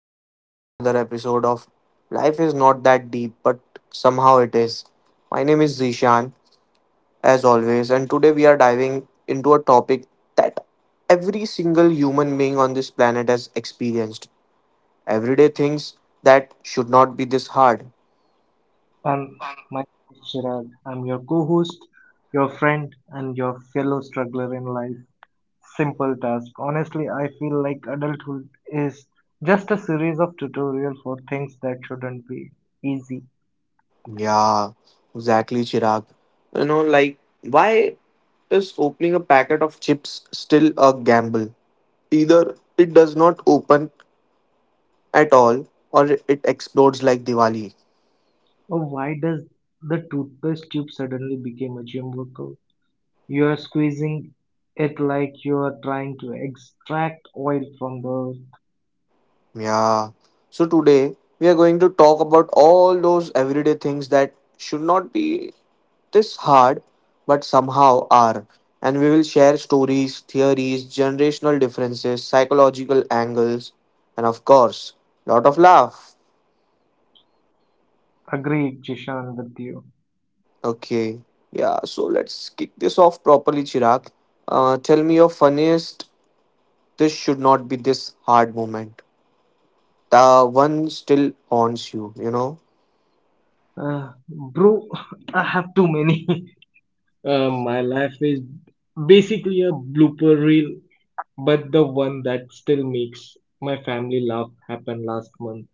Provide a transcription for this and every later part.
Welcome back to another episode of Life is Not That Deep, but somehow it is. My name is Zishan, as always, and today we are diving into a topic that every single human being on this planet has experienced. Everyday things that should not be this hard. Um, my name is Chirag. I'm your co-host, your friend, and your fellow struggler in life. Simple task. Honestly, I feel like adulthood is just a series of tutorials for things that shouldn't be easy. Yeah, exactly, Chirag. You know, like, why is opening a packet of chips still a gamble? Either it does not open at all or it explodes like Diwali. Oh, why does the toothpaste tube suddenly become a gym workout? You are squeezing it like you are trying to extract oil from the earth. Yeah. So today we are going to talk about all those everyday things that should not be this hard but somehow are. And we will share stories, theories, generational differences, psychological angles, and of course, lot of laugh. Agreed, Jishan, with you. Okay. Yeah, so let's kick this off properly, Chirag. Tell me your funniest this should not be this hard moment. The one still haunts you, you know? Bro, I have too many. My life is basically a blooper reel, but the one that still makes my family laugh happened last month.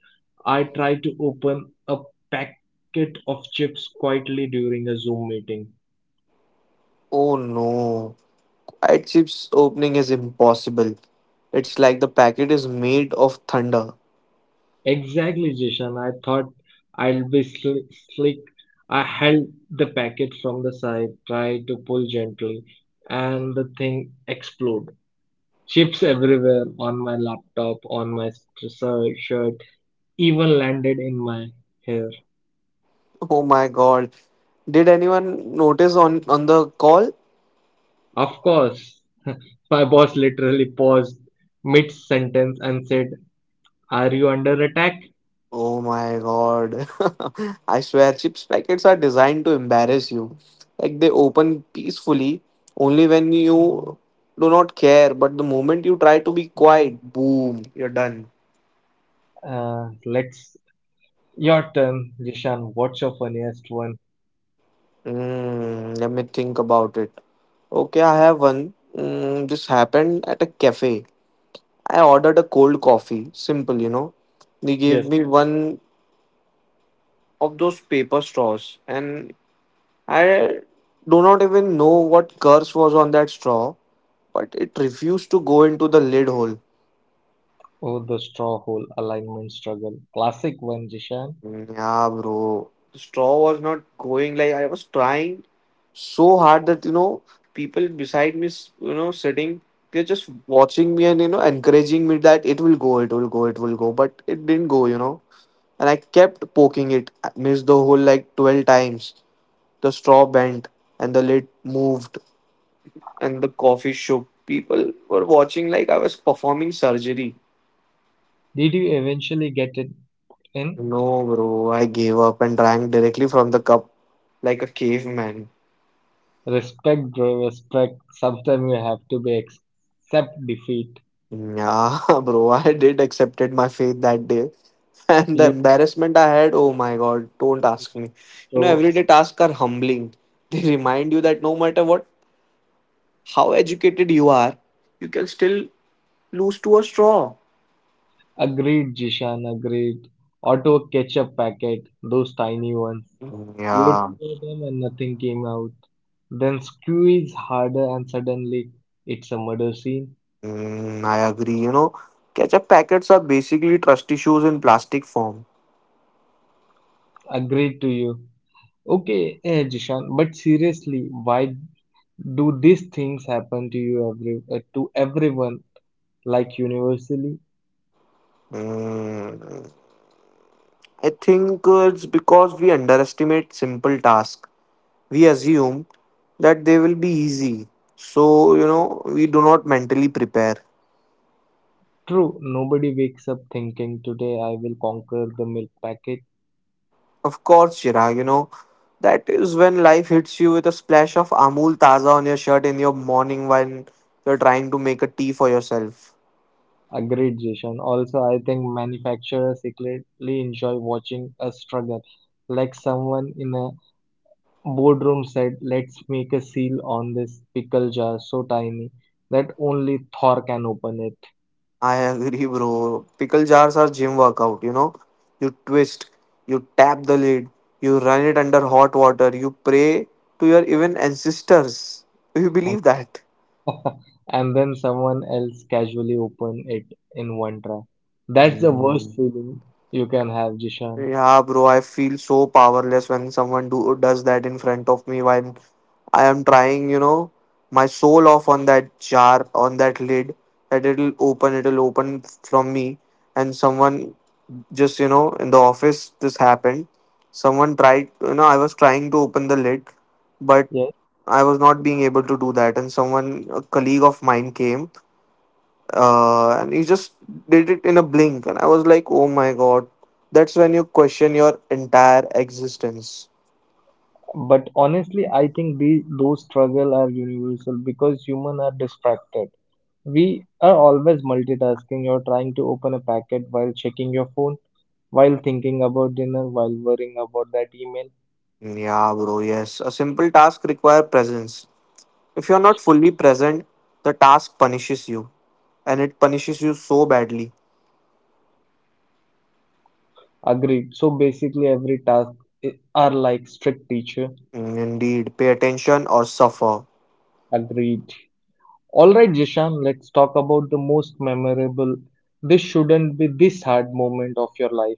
I tried to open a packet of chips quietly during a Zoom meeting. Oh no. Quiet chips opening is impossible. It's like the packet is made of thunder. Exactly, Jishan. I thought I'll be slick. I held the packet from the side, tried to pull gently, and the thing exploded. Chips everywhere on my laptop, on my shirt, even landed in my hair. Oh my god. Did anyone notice on the call? Of course. My boss literally paused mid sentence and said, "Are you under attack?" Oh my god. I swear chips packets are designed to embarrass you. Like they open peacefully only when you do not care, but the moment you try to be quiet, boom, you're done. Let's. Your turn, Jishan. What's your funniest one? Let me think about it. Okay, I have one. This happened at a cafe. I ordered a cold coffee, simple, you know. They gave Yes. me one of those paper straws, and I do not even know what curse was on that straw, but it refused to go into the lid hole. Oh, the straw hole alignment struggle. Classic one, Jishan. Yeah, bro. The straw was not going like I was trying so hard that you know people beside me, you know, sitting, they're just watching me and you know encouraging me that it will go, it will go, it will go, but it didn't go, you know. And I kept poking it, I missed the hole like 12 times. The straw bent and the lid moved and the coffee shook. People were watching like I was performing surgery. Did you eventually get it in? No, bro, I gave up and drank directly from the cup like a caveman. Respect, bro, respect. Sometimes you have to be accept defeat. Yeah, bro, I did accepted my fate that day. And the You embarrassment I had, oh my god, don't ask me. You know, show. everyday tasks are humbling. They remind you that no matter what, how educated you are, you can still lose to a straw. Agreed, Jishan, agreed. Auto ketchup packet, those tiny ones. You would Yeah, throw them and nothing came out. Then squeeze harder and suddenly it's a murder scene. I agree. You know, ketchup packets are basically trust issues in plastic form. Agreed to you. Okay, Jishan, but seriously, why do these things happen to you every to everyone like universally? Mm, I think it's because we underestimate simple tasks. We assume that they will be easy. So, you know, we do not mentally prepare. True, nobody wakes up thinking today I will conquer the milk packet. Of course, Chirag, you know, that is when life hits you with a splash of Amul Taza on your shirt in your morning when you're trying to make a tea for yourself. Agreed, Jason. Also, I think manufacturers secretly enjoy watching us struggle. Like someone in a boardroom said, let's make a seal on this pickle jar so tiny that only Thor can open it. I agree, bro. Pickle jars are gym workout, you know. You twist, you tap the lid, you run it under hot water, you pray to your even ancestors. Do you And, believe that? and then someone else casually open it in one try. That's the worst feeling you can have, Jishan. Yeah, bro, I feel so powerless when someone do does that in front of me when I am trying, you know, my soul off on that jar, on that lid, that it'll open from me. And someone just, you know, in the office, this happened. Someone tried, you know, I was trying to open the lid, but I was not being able to do that. And someone, a colleague of mine came and he just did it in a blink, and I was like, oh my god, that's when you question your entire existence. But honestly, I think those struggles are universal because humans are distracted. We are always multitasking. You're trying to open a packet while checking your phone, while thinking about dinner, while worrying about that email. Yeah bro, yes, a simple task require presence. If you're not fully present, the task punishes you, and it punishes you so badly. Agreed. So basically, every task are like strict teacher. Indeed, pay attention or suffer. Agreed. All right, Jishan, let's talk about the most memorable. This shouldn't be this hard moment of your life.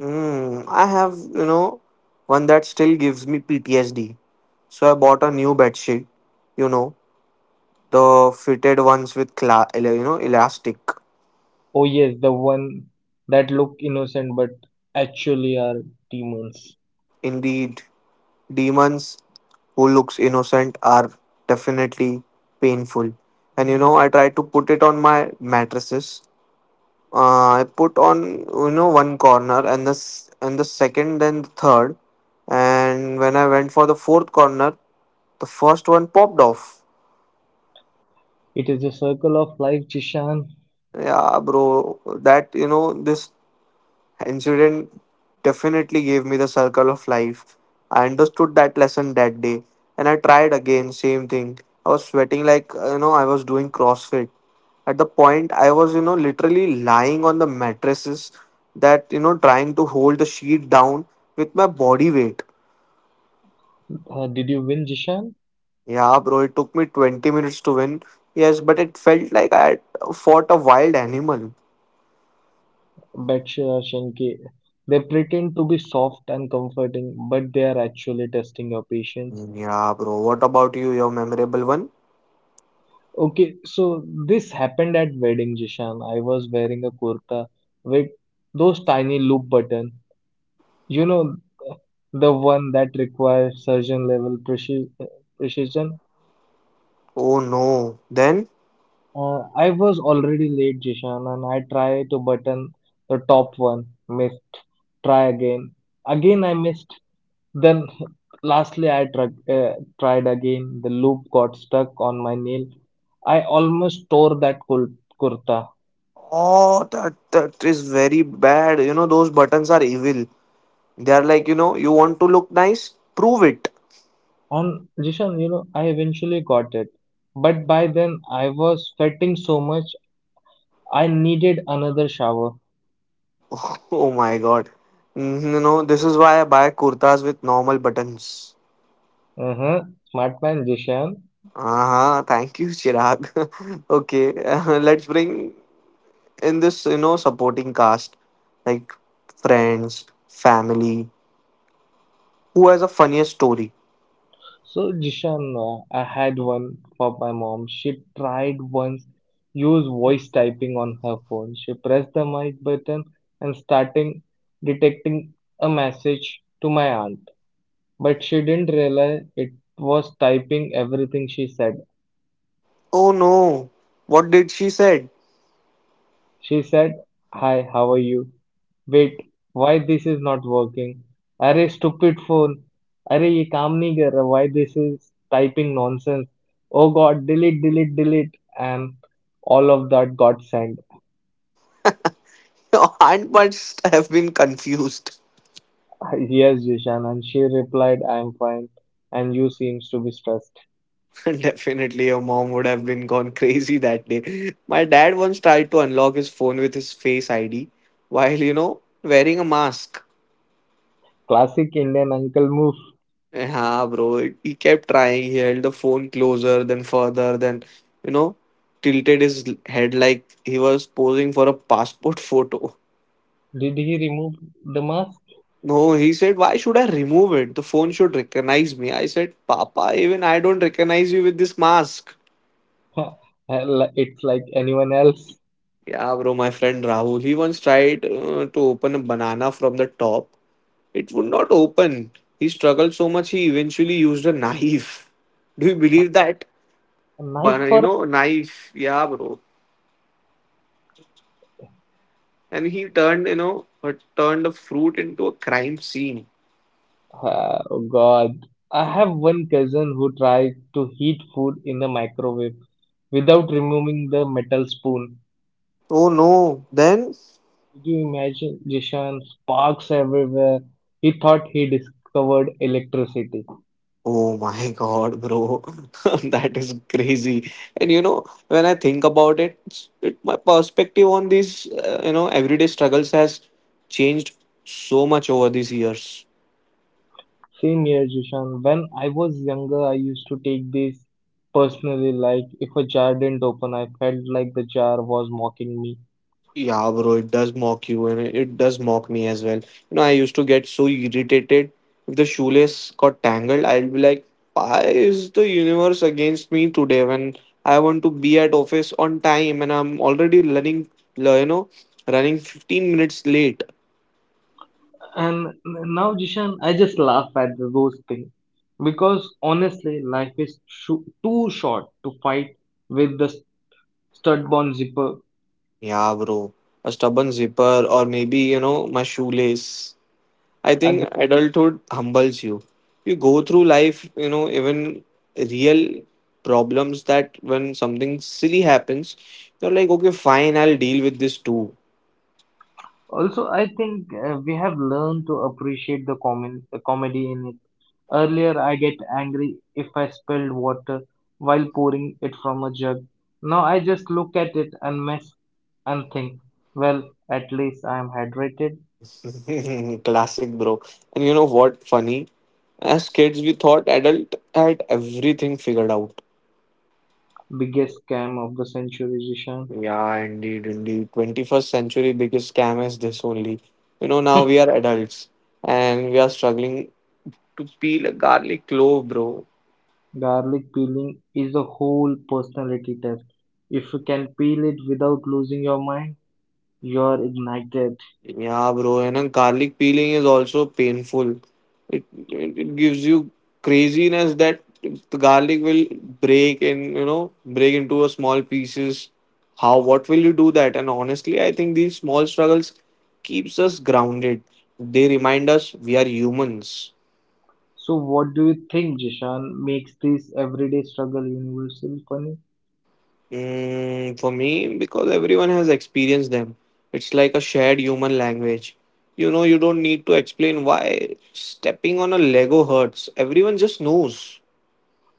I have, you know, one that still gives me PTSD. So I bought a new bedsheet. You know, the fitted ones with you know, elastic. Oh yes, the one that look innocent but actually are demons. Indeed, demons who looks innocent are definitely painful. And you know, I tried to put it on my mattresses. I put on, you know, one corner and this and the second, then the third, and when I went for the fourth corner, the first one popped off. It is a circle of life, Jishan. Yeah bro, that, you know, this incident definitely gave me the circle of life. I understood that lesson that day and I tried again, same thing. I was sweating like, you know, I was doing CrossFit. At the point, I was, you know, literally lying on the mattresses, that, you know, trying to hold the sheet down with my body weight. Did you win, Jishan? Yeah, bro, it took me 20 minutes to win. Yes, but it felt like I had fought a wild animal. Berkshire Shenke. They pretend to be soft and comforting, but they are actually testing your patience. Yeah, bro, what about you? Your memorable one? Okay, so this happened at wedding, Jishan. I was wearing a kurta with those tiny loop button. You know, the one that requires surgeon level precision. Oh no. Then? I was already late, Jishan, and I tried to button the top one, missed. Try again. Again, I missed. Then, lastly, tried again. The loop got stuck on my nail. I almost tore that kurta. Oh, that is very bad. You know, those buttons are evil. They are like, you know, you want to look nice? Prove it. And Jishan, you know, I eventually got it. But by then, I was sweating so much, I needed another shower. Oh my god. Mhm, You know, this is why I buy kurtas with normal buttons. Uh-huh. Smart man, Jishan. Uh-huh, thank you, Chirag. Okay, let's bring in this, you know, supporting cast like friends, family. Who has a funniest story? So Jishan, I had one for my mom. She tried once use voice typing on her phone. She pressed the mic button and starting detecting a message to my aunt. But she didn't realize it was typing everything she said. Oh no, what did she said? She said, "Hi, how are you? Wait, why this is not working? अरे stupid phone! अरे ये काम नहीं कर रहा. Why this is typing nonsense? Oh God, delete, delete, delete!" And all of that got sent. Your aunt must have been confused. Yes, Jishan, and she replied, "I am fine, and you seems to be stressed." Definitely, your mom would have been gone crazy that day. My dad once tried to unlock his phone with his face ID while, you know, wearing a mask. Classic Indian uncle move. Yeah, bro. He kept trying. He held the phone closer, then further, then, you know, tilted his head like he was posing for a passport photo. Did he remove the mask? No, he said, why should I remove it? The phone should recognize me. I said, Papa, even I don't recognize you with this mask. Hell, it's like anyone else. Yeah, bro, my friend Rahul, he once tried to open a banana from the top. It would not open. He struggled so much he eventually used a knife. Do you believe that? A knife Banana, you for. know, knife. Yeah, bro. And he turned, you know, turned a fruit into a crime scene. Oh God, I have one cousin who tried to heat food in the microwave without removing the metal spoon. Oh no. Then? Did you imagine, Jishan? Sparks everywhere. He thought he discovered electricity. Oh my god, bro. That is crazy. And you know, when I think about it, it my perspective on these, you know, everyday struggles has changed so much over these years. Same here, Jishan. When I was younger, I used to take this personally. Like, if a jar didn't open, I felt like the jar was mocking me. Yeah, bro, it does mock you and it does mock me as well. You know, I used to get so irritated if the shoelace got tangled. I'd be like, why is the universe against me today when I want to be at office on time and I'm already running, you know, running 15 minutes late? And now, Jishan, I just laugh at those things because honestly, life is too short to fight with the stud-born zipper. Yeah, bro. A stubborn zipper, or maybe, you know, my shoelace. I Ag-. think adulthood humbles you. You go through life, you know, even real problems that when something silly happens, you're like, okay, fine, I'll deal with this too. Also, I think we have learned to appreciate common, the comedy in it. Earlier, I get angry if I spilled water while pouring it from a jug. Now I just look at it and mess and think, well, at least I am hydrated. Classic, bro. And you know what? Funny. As kids, we thought adult had everything figured out. Biggest scam of the century, Jishan. Yeah, indeed, indeed. 21st century biggest scam is this only. You know, now we are adults and we are struggling to peel a garlic clove, bro. Garlic peeling is a whole personality test. If you can peel it without losing your mind, you're ignited. Yeah, bro, and a garlic peeling is also painful. It, it gives you craziness that the garlic will break and you know break into a small pieces. How what will you do that? And honestly, I think these small struggles keeps us grounded. They remind us we are humans. So, what do you think, Jishan, makes this everyday struggle universally funny? Mm, for me, because everyone has experienced them. It's like a shared human language. You know, you don't need to explain why stepping on a Lego hurts. Everyone just knows.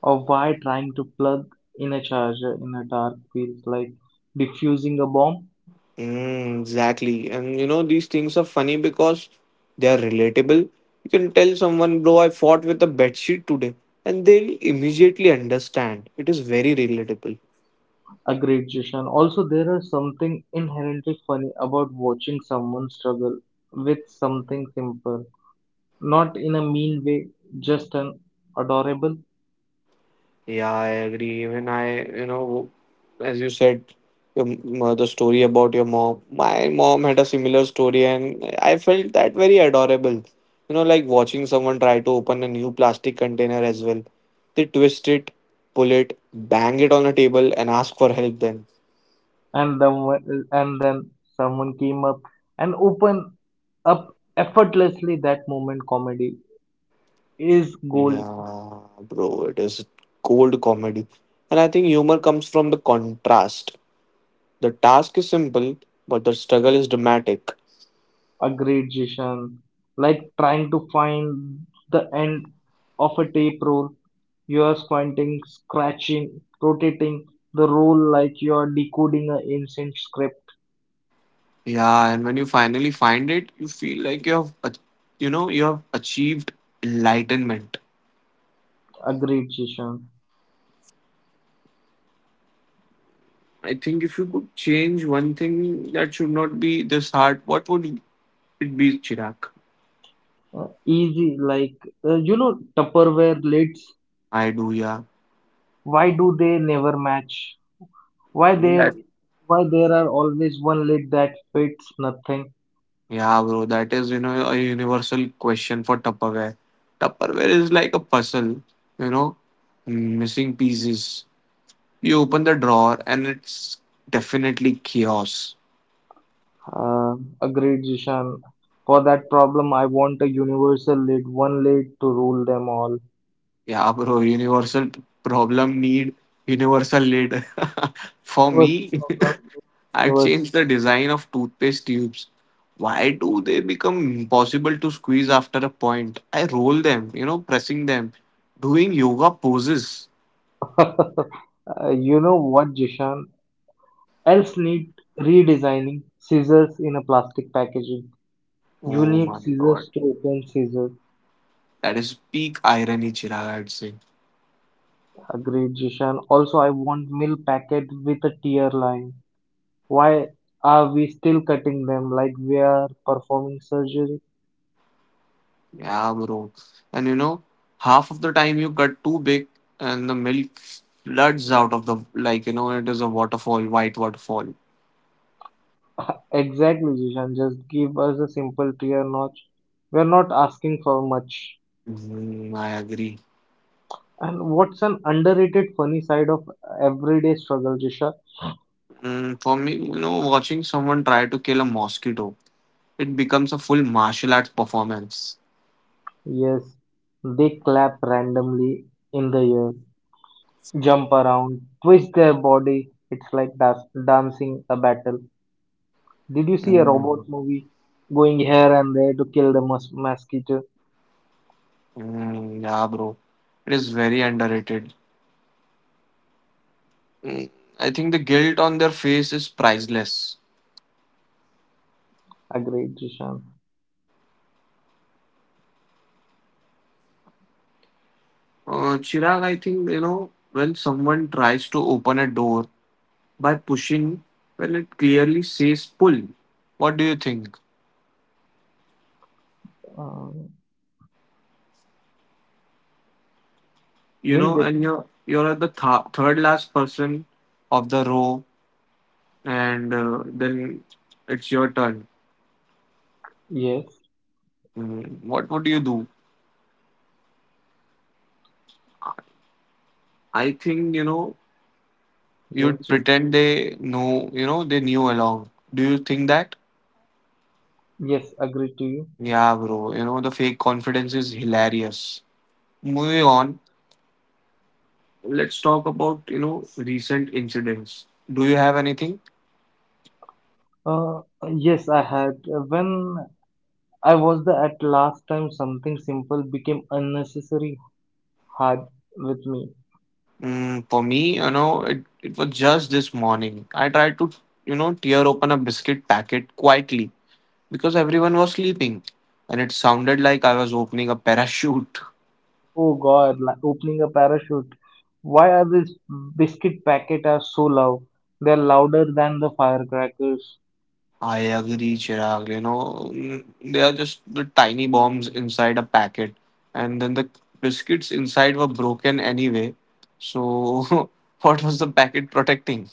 Or why trying to plug in a charger in a dark feels like defusing a bomb? Mm, exactly. And you know, these things are funny because they are relatable. You can tell someone, bro, I fought with a bed sheet today, and they'll immediately understand. It is very relatable. Agreed, Jishan. Also, there are something inherently funny about watching someone struggle with something simple, not in a mean way, just an adorable. Yeah, I agree. Even I, you know, as you said, the story about your mom, my mom had a similar story and I felt that very adorable. You know, like watching someone try to open a new plastic container as well, they twist it, pull it, bang it on a table and ask for help then. And then, and then someone came up and opened up effortlessly. That moment comedy is gold. Yeah bro, it is cold comedy, and I think humor comes from the contrast. The task is simple but the struggle is dramatic. Aggregation, like trying to find the end of a tape roll. You are squinting, scratching, rotating the roll like you are decoding an ancient script. Yeah, and when you finally find it, you feel like you have, you know, you have achieved enlightenment. Aggregation. I think if you could change one thing that should not be this hard, what would it be, Chirag? Uh, Easy like uh, you know tupperware lids, I do, yeah. why do they never match? Why there That, why there are always one lid that fits nothing? yeah, bro, that is, you know, a universal question for Tupperware. Tupperware is like a puzzle, you know, missing pieces. You open the drawer and it's definitely chaos. Uh, Agreed, Jishan. For that problem, I want a universal lid, one lid to rule them all. Yeah, bro, universal problem need universal lid. For me, Universal problem, I've changed the design of toothpaste tubes. Why do they become impossible to squeeze after a point? I roll them, you know, pressing them, doing yoga poses. universal. You know what, Jishan? Else need redesigning scissors in a plastic packaging. You Oh need my god. scissors to open scissors. That is peak irony, Chirag, I'd say. Agreed, Jishan. Also, I want milk packet with a tear line. Why are we still cutting them like we're performing surgery? Yeah, bro. And you know, half of the time you cut too big and the milk floods out of the, it is a waterfall, white waterfall. Exactly, Jishan. Just give us a simple clear notch. We're not asking for much. Mm, I agree. And what's an underrated funny side of everyday struggle, Jishan? Mm, for me, you know, watching someone try to kill a mosquito, it becomes a full martial arts performance. Yes, they clap randomly in the air, jump around, twist their body. It's like dancing a battle. Did you see a Mm, robot movie going here and there to kill the mosquito? mm, yeah, bro. It is very underrated. Mm, I think the guilt on their face is priceless. Agreed, Jishan. Chirag, I think when someone tries to open a door by pushing, well, it clearly says pull. What do you think? Um, Didn't get. And you're the third last person of the row and then it's your turn. Yes, Mm, what would you do? I think you'd yes, pretend they knew along. Do you think that? yes. Agree to you. Yeah, bro, the fake confidence is hilarious. Moving on, let's talk about, recent incidents. Do you have anything? Uh, yes, I had when I was there at last time. Something simple became unnecessary hard with me. For me, it was just this morning. I tried to, tear open a biscuit packet quietly because everyone was sleeping and it sounded like I was opening a parachute. Oh God, like opening a parachute. Why are these biscuit packet are so loud? They're louder than the firecrackers. I agree, Chirag. They are just the tiny bombs inside a packet, and then the biscuits inside were broken anyway. So, what was the packet protecting?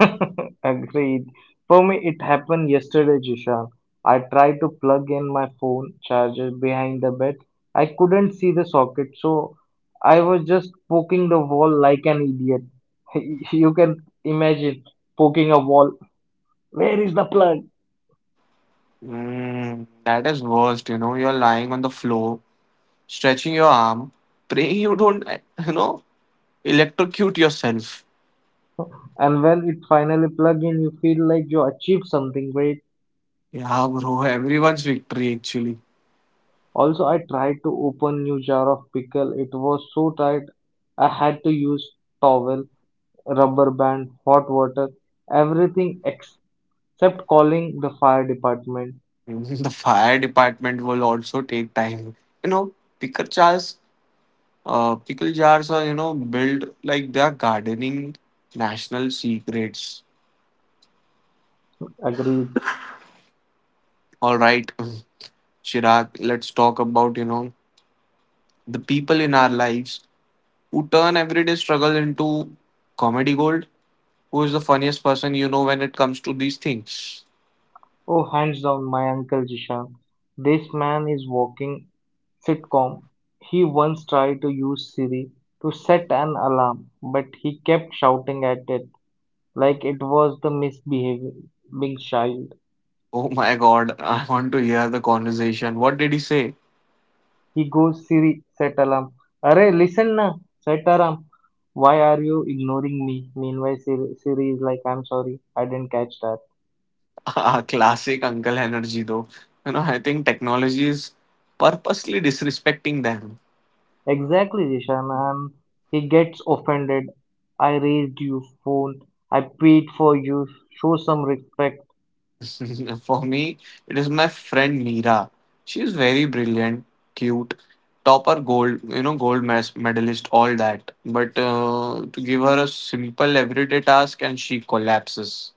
Agreed. For me, it happened yesterday, Jishan. I tried to plug in my phone charger behind the bed. I couldn't see the socket, so I was just poking the wall like an idiot. You can imagine poking a wall. Where is the plug? That is worst, you know. You're lying on the floor, stretching your arm, praying you don't, you know, electrocute yourself. And when it finally plugged in, you feel like you achieved something great. Yeah, bro, everyone's victory actually. Also, I tried to open new jar of pickle. It was so tight, I had to use towel, rubber band, hot water, everything except calling the fire department. The fire department will also take time. You know, picker Charles. Pickle jars are, built like they are gardening national secrets. Agreed. All right, Chirag, let's talk about, the people in our lives who turn everyday struggle into comedy gold. Who is the funniest person you know when it comes to these things? Oh, hands down, my uncle Jishan. This man is walking sitcom. He once tried to use Siri to set an alarm, but he kept shouting at it like it was the misbehaving child. Oh my God, I want to hear the conversation. What did he say? He goes, "Siri, Sataram. Arey, listen na, Sataram. Why are you ignoring me?" Meanwhile, Siri, Siri is like, "I'm sorry, I didn't catch that." Ah, classic uncle energy, though. I think technology is purposely disrespecting them. Exactly, Rishan. And he gets offended. "I raised your phone. I paid for you. Show some respect." For me, it is my friend Neera. She is very brilliant, cute, topper gold, gold medalist, all that. But to give her a simple everyday task and she collapses.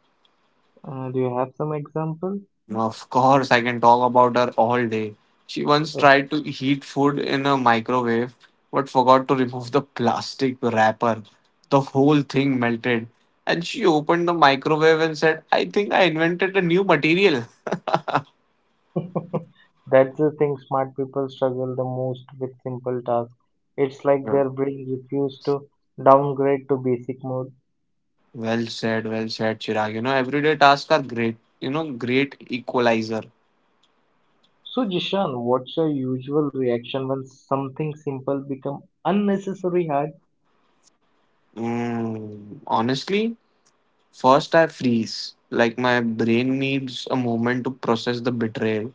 Do you have some example? Now, of course, I can talk about her all day. She once Uh, tried to heat food in a microwave but forgot to remove the plastic wrapper. The whole thing melted. And she opened the microwave and said, I think I invented a new material. that's the thing. Smart people struggle the most with simple tasks. It's like their brain refused to downgrade to basic mode. Well said, Chirag. Everyday tasks are great, great equalizer. So, Jishan, what's your usual reaction when something simple become unnecessary hard? Honestly, first I freeze. Like my brain needs a moment to process the betrayal.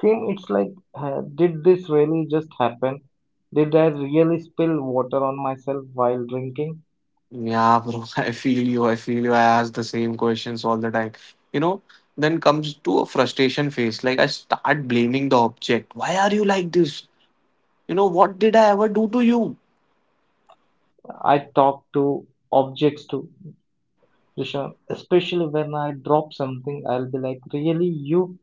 Same, it's like, did this really just happen? Did I really spill water on myself while drinking? Yeah, bro, I feel you. I ask the same questions all the time. You know, then comes to a frustration phase. Like I start blaming the object. Why are you like this? You know, what did I ever do to you? I talk to objects too, Jishan. Especially when I drop something, I'll be like, really, you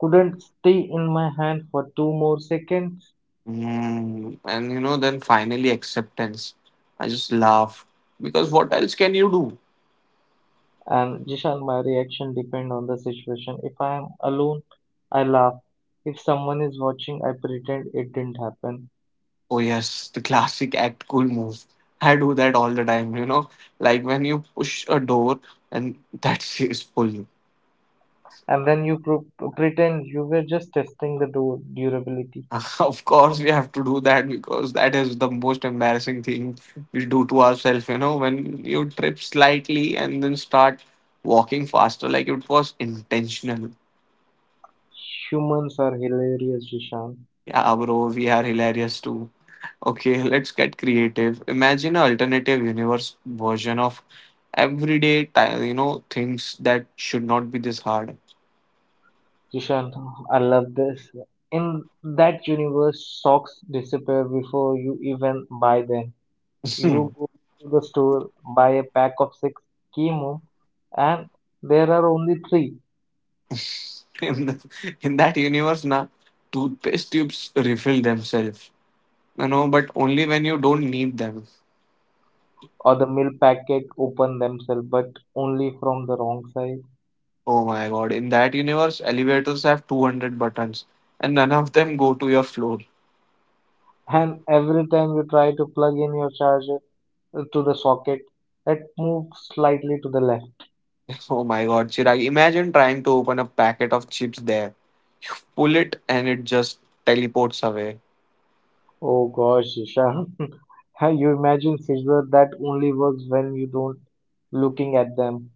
couldn't stay in my hand for two more seconds? And then finally acceptance. I just laugh because what else can you do? And Jishan, my reaction depend on the situation. If I am alone, I laugh. If someone is watching, I pretend it didn't happen. Oh, yes, the classic act cool move. I do that all the time, like when you push a door and that is full. And then you pretend you were just testing the durability. Of course, we have to do that because that is the most embarrassing thing we do to ourselves, you know, when you trip slightly and then start walking faster, like it was intentional. Humans are hilarious, Jishan. Yeah, bro, we are hilarious too. Okay, let's get creative. Imagine an alternative universe version of everyday, things that should not be this hard. Jishan, I love this. In that universe, socks disappear before you even buy them. You in, go to the store, buy a pack of six, came home, and there are only three. in that universe, na, toothpaste tubes refill themselves. You know, but only when you don't need them. Or the milk packet open themselves but only from the wrong side. Oh my god, in that universe, elevators have 200 buttons and none of them go to your floor. And every time you try to plug in your charger to the socket, it moves slightly to the left. Oh my god, Chirag, imagine trying to open a packet of chips there. Pull it and it just teleports away. Oh gosh, Isha. You imagine scissors that only works when you don't looking at them.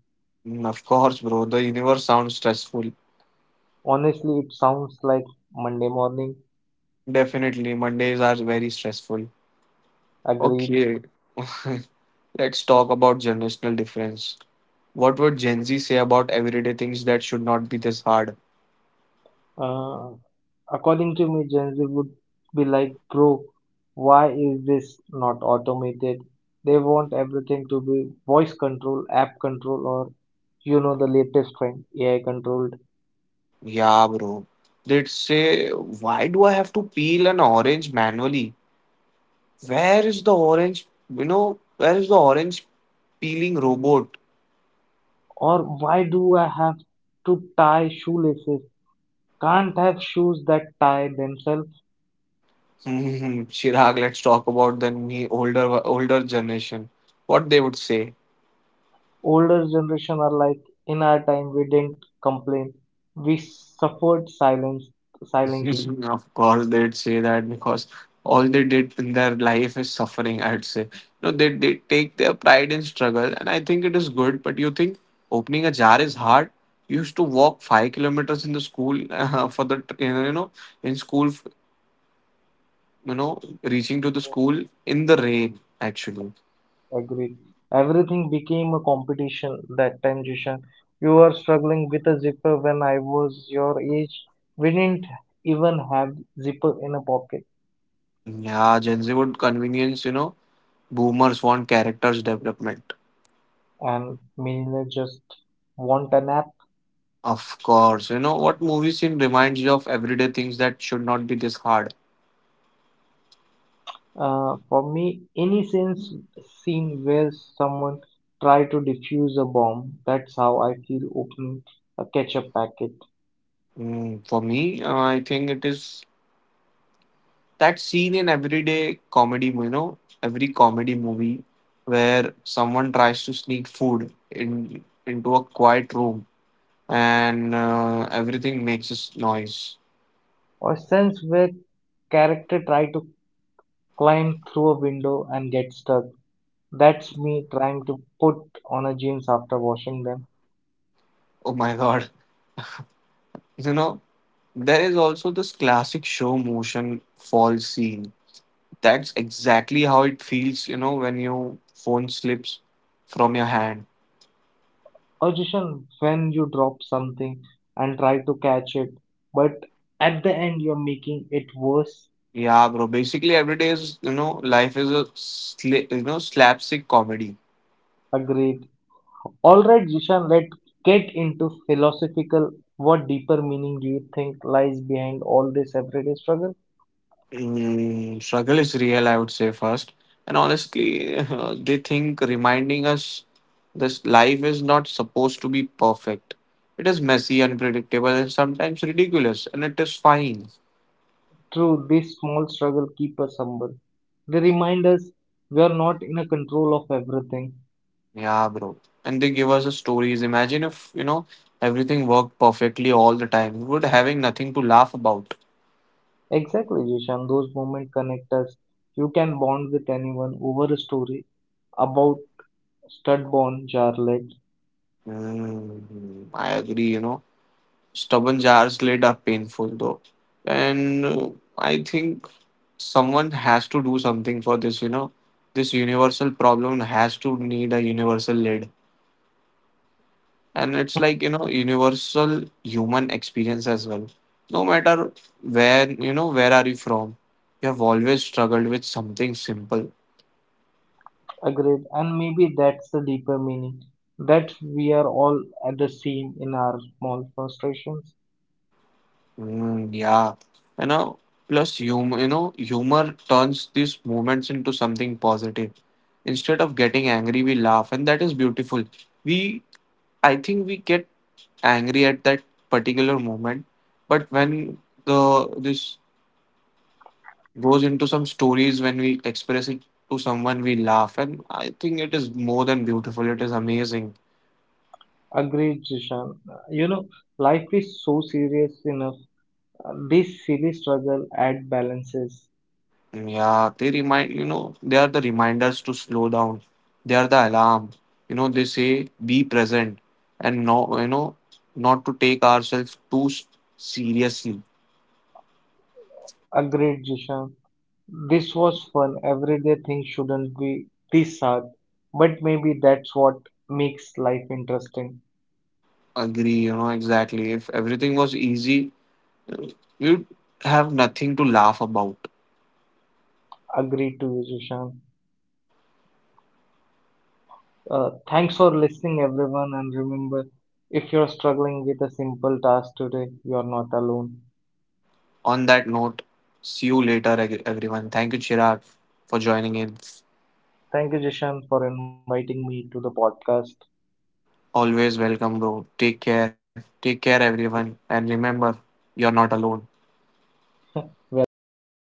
Of course, bro. The universe sounds stressful. Honestly it sounds like monday morning. Definitely, Mondays are very stressful. Agreed. Okay, let's talk about generational difference. What would Gen Z say about everyday things that should not be this hard? Uh, According to me, Gen Z would be like, bro, why is this not automated? They want everything to be voice control, app control, or you know, the latest trend, AI controlled. Yeah, bro. They'd say, why do I have to peel an orange manually? Where is the orange, where is the orange peeling robot? Or why do I have to tie shoelaces? Can't have shoes that tie themselves. Hmm. Chirag, let's talk about the older older generation. What they would say. Older generation are like, in our time, we didn't complain. We suffered silence silently. Of course, they'd say that because all they did in their life is suffering, I'd say. No, they take their pride in struggle, and I think it is good. But you think opening a jar is hard? You used to walk 5 kilometers in the school for the, tr- you know, in school, reaching to the school in the rain, actually. Agreed. Everything became a competition that time, Jishan. You were struggling with a zipper when I was your age. We didn't even have zipper in a pocket, Yeah, Gen Z would convenience, boomers want characters development. and millionaire just want a nap. Of course, you know what movie scene reminds you of everyday things that should not be this hard? For me, any sense scene where someone try to defuse a bomb, that's how I feel opening a ketchup packet. For me, I think it is that scene in everyday comedy, every comedy movie where someone tries to sneak food in into a quiet room and everything makes this noise. Or sense where character try to climb through a window and get stuck. That's me trying to put on a jeans after washing them. Oh my God. You know, there is also this classic show motion fall scene. That's exactly how it feels, you know, when your phone slips from your hand. Or just when you drop something and try to catch it, but at the end you're making it worse. Yeah, bro. Basically, every day is life is a slapstick comedy. Agreed. Alright, Jishan, let's get into philosophical. What deeper meaning do you think lies behind all this everyday struggle? Struggle is real, I would say first, and honestly, they think reminding us this life is not supposed to be perfect. It is messy, unpredictable, and sometimes ridiculous, and it is fine. True, these small struggle, keep us humble. They remind us we are not in a control of everything. Yeah, bro. And they give us the stories. Imagine if everything worked perfectly all the time. We would having nothing to laugh about. Exactly, Jishan. Those moments connect us. You can bond with anyone over a story about stud-born Charlotte. I agree, you know. Stubborn jars lid are painful though. And I think someone has to do something for this, you know. This universal problem has to need a universal lid. And it's like, universal human experience as well. No matter where are you from, you have always struggled with something simple. Agreed. And maybe that's the deeper meaning. That we are all at the same in our small frustrations. Mm, yeah, you know, Plus humor, humor turns these moments into something positive. Instead of getting angry, we laugh, and that is beautiful. We, I think, we get angry at that particular moment, but when the this goes into some stories, when we express it to someone, we laugh, and I think it is more than beautiful. It is amazing. Agreed, Jishan. You know, life is so serious enough. This silly struggle at balances. Yeah, they remind, they are the reminders to slow down. They are the alarm. You know, they say be present and no, not to take ourselves too seriously. Agreed, Jishan. This was fun, everyday things shouldn't be this hard. But maybe that's what makes life interesting. Agree, you know, exactly. If everything was easy, you'd have nothing to laugh about. Agree to you, Sushant. Thanks for listening, everyone, and remember, if you're struggling with a simple task today, you're not alone. On that note, see you later, everyone. Thank you, Chirag, for joining in. Thank you, Jishan, for inviting me to the podcast. Always welcome, bro. Take care. Take care, everyone. And remember, you're not alone. We're there for you.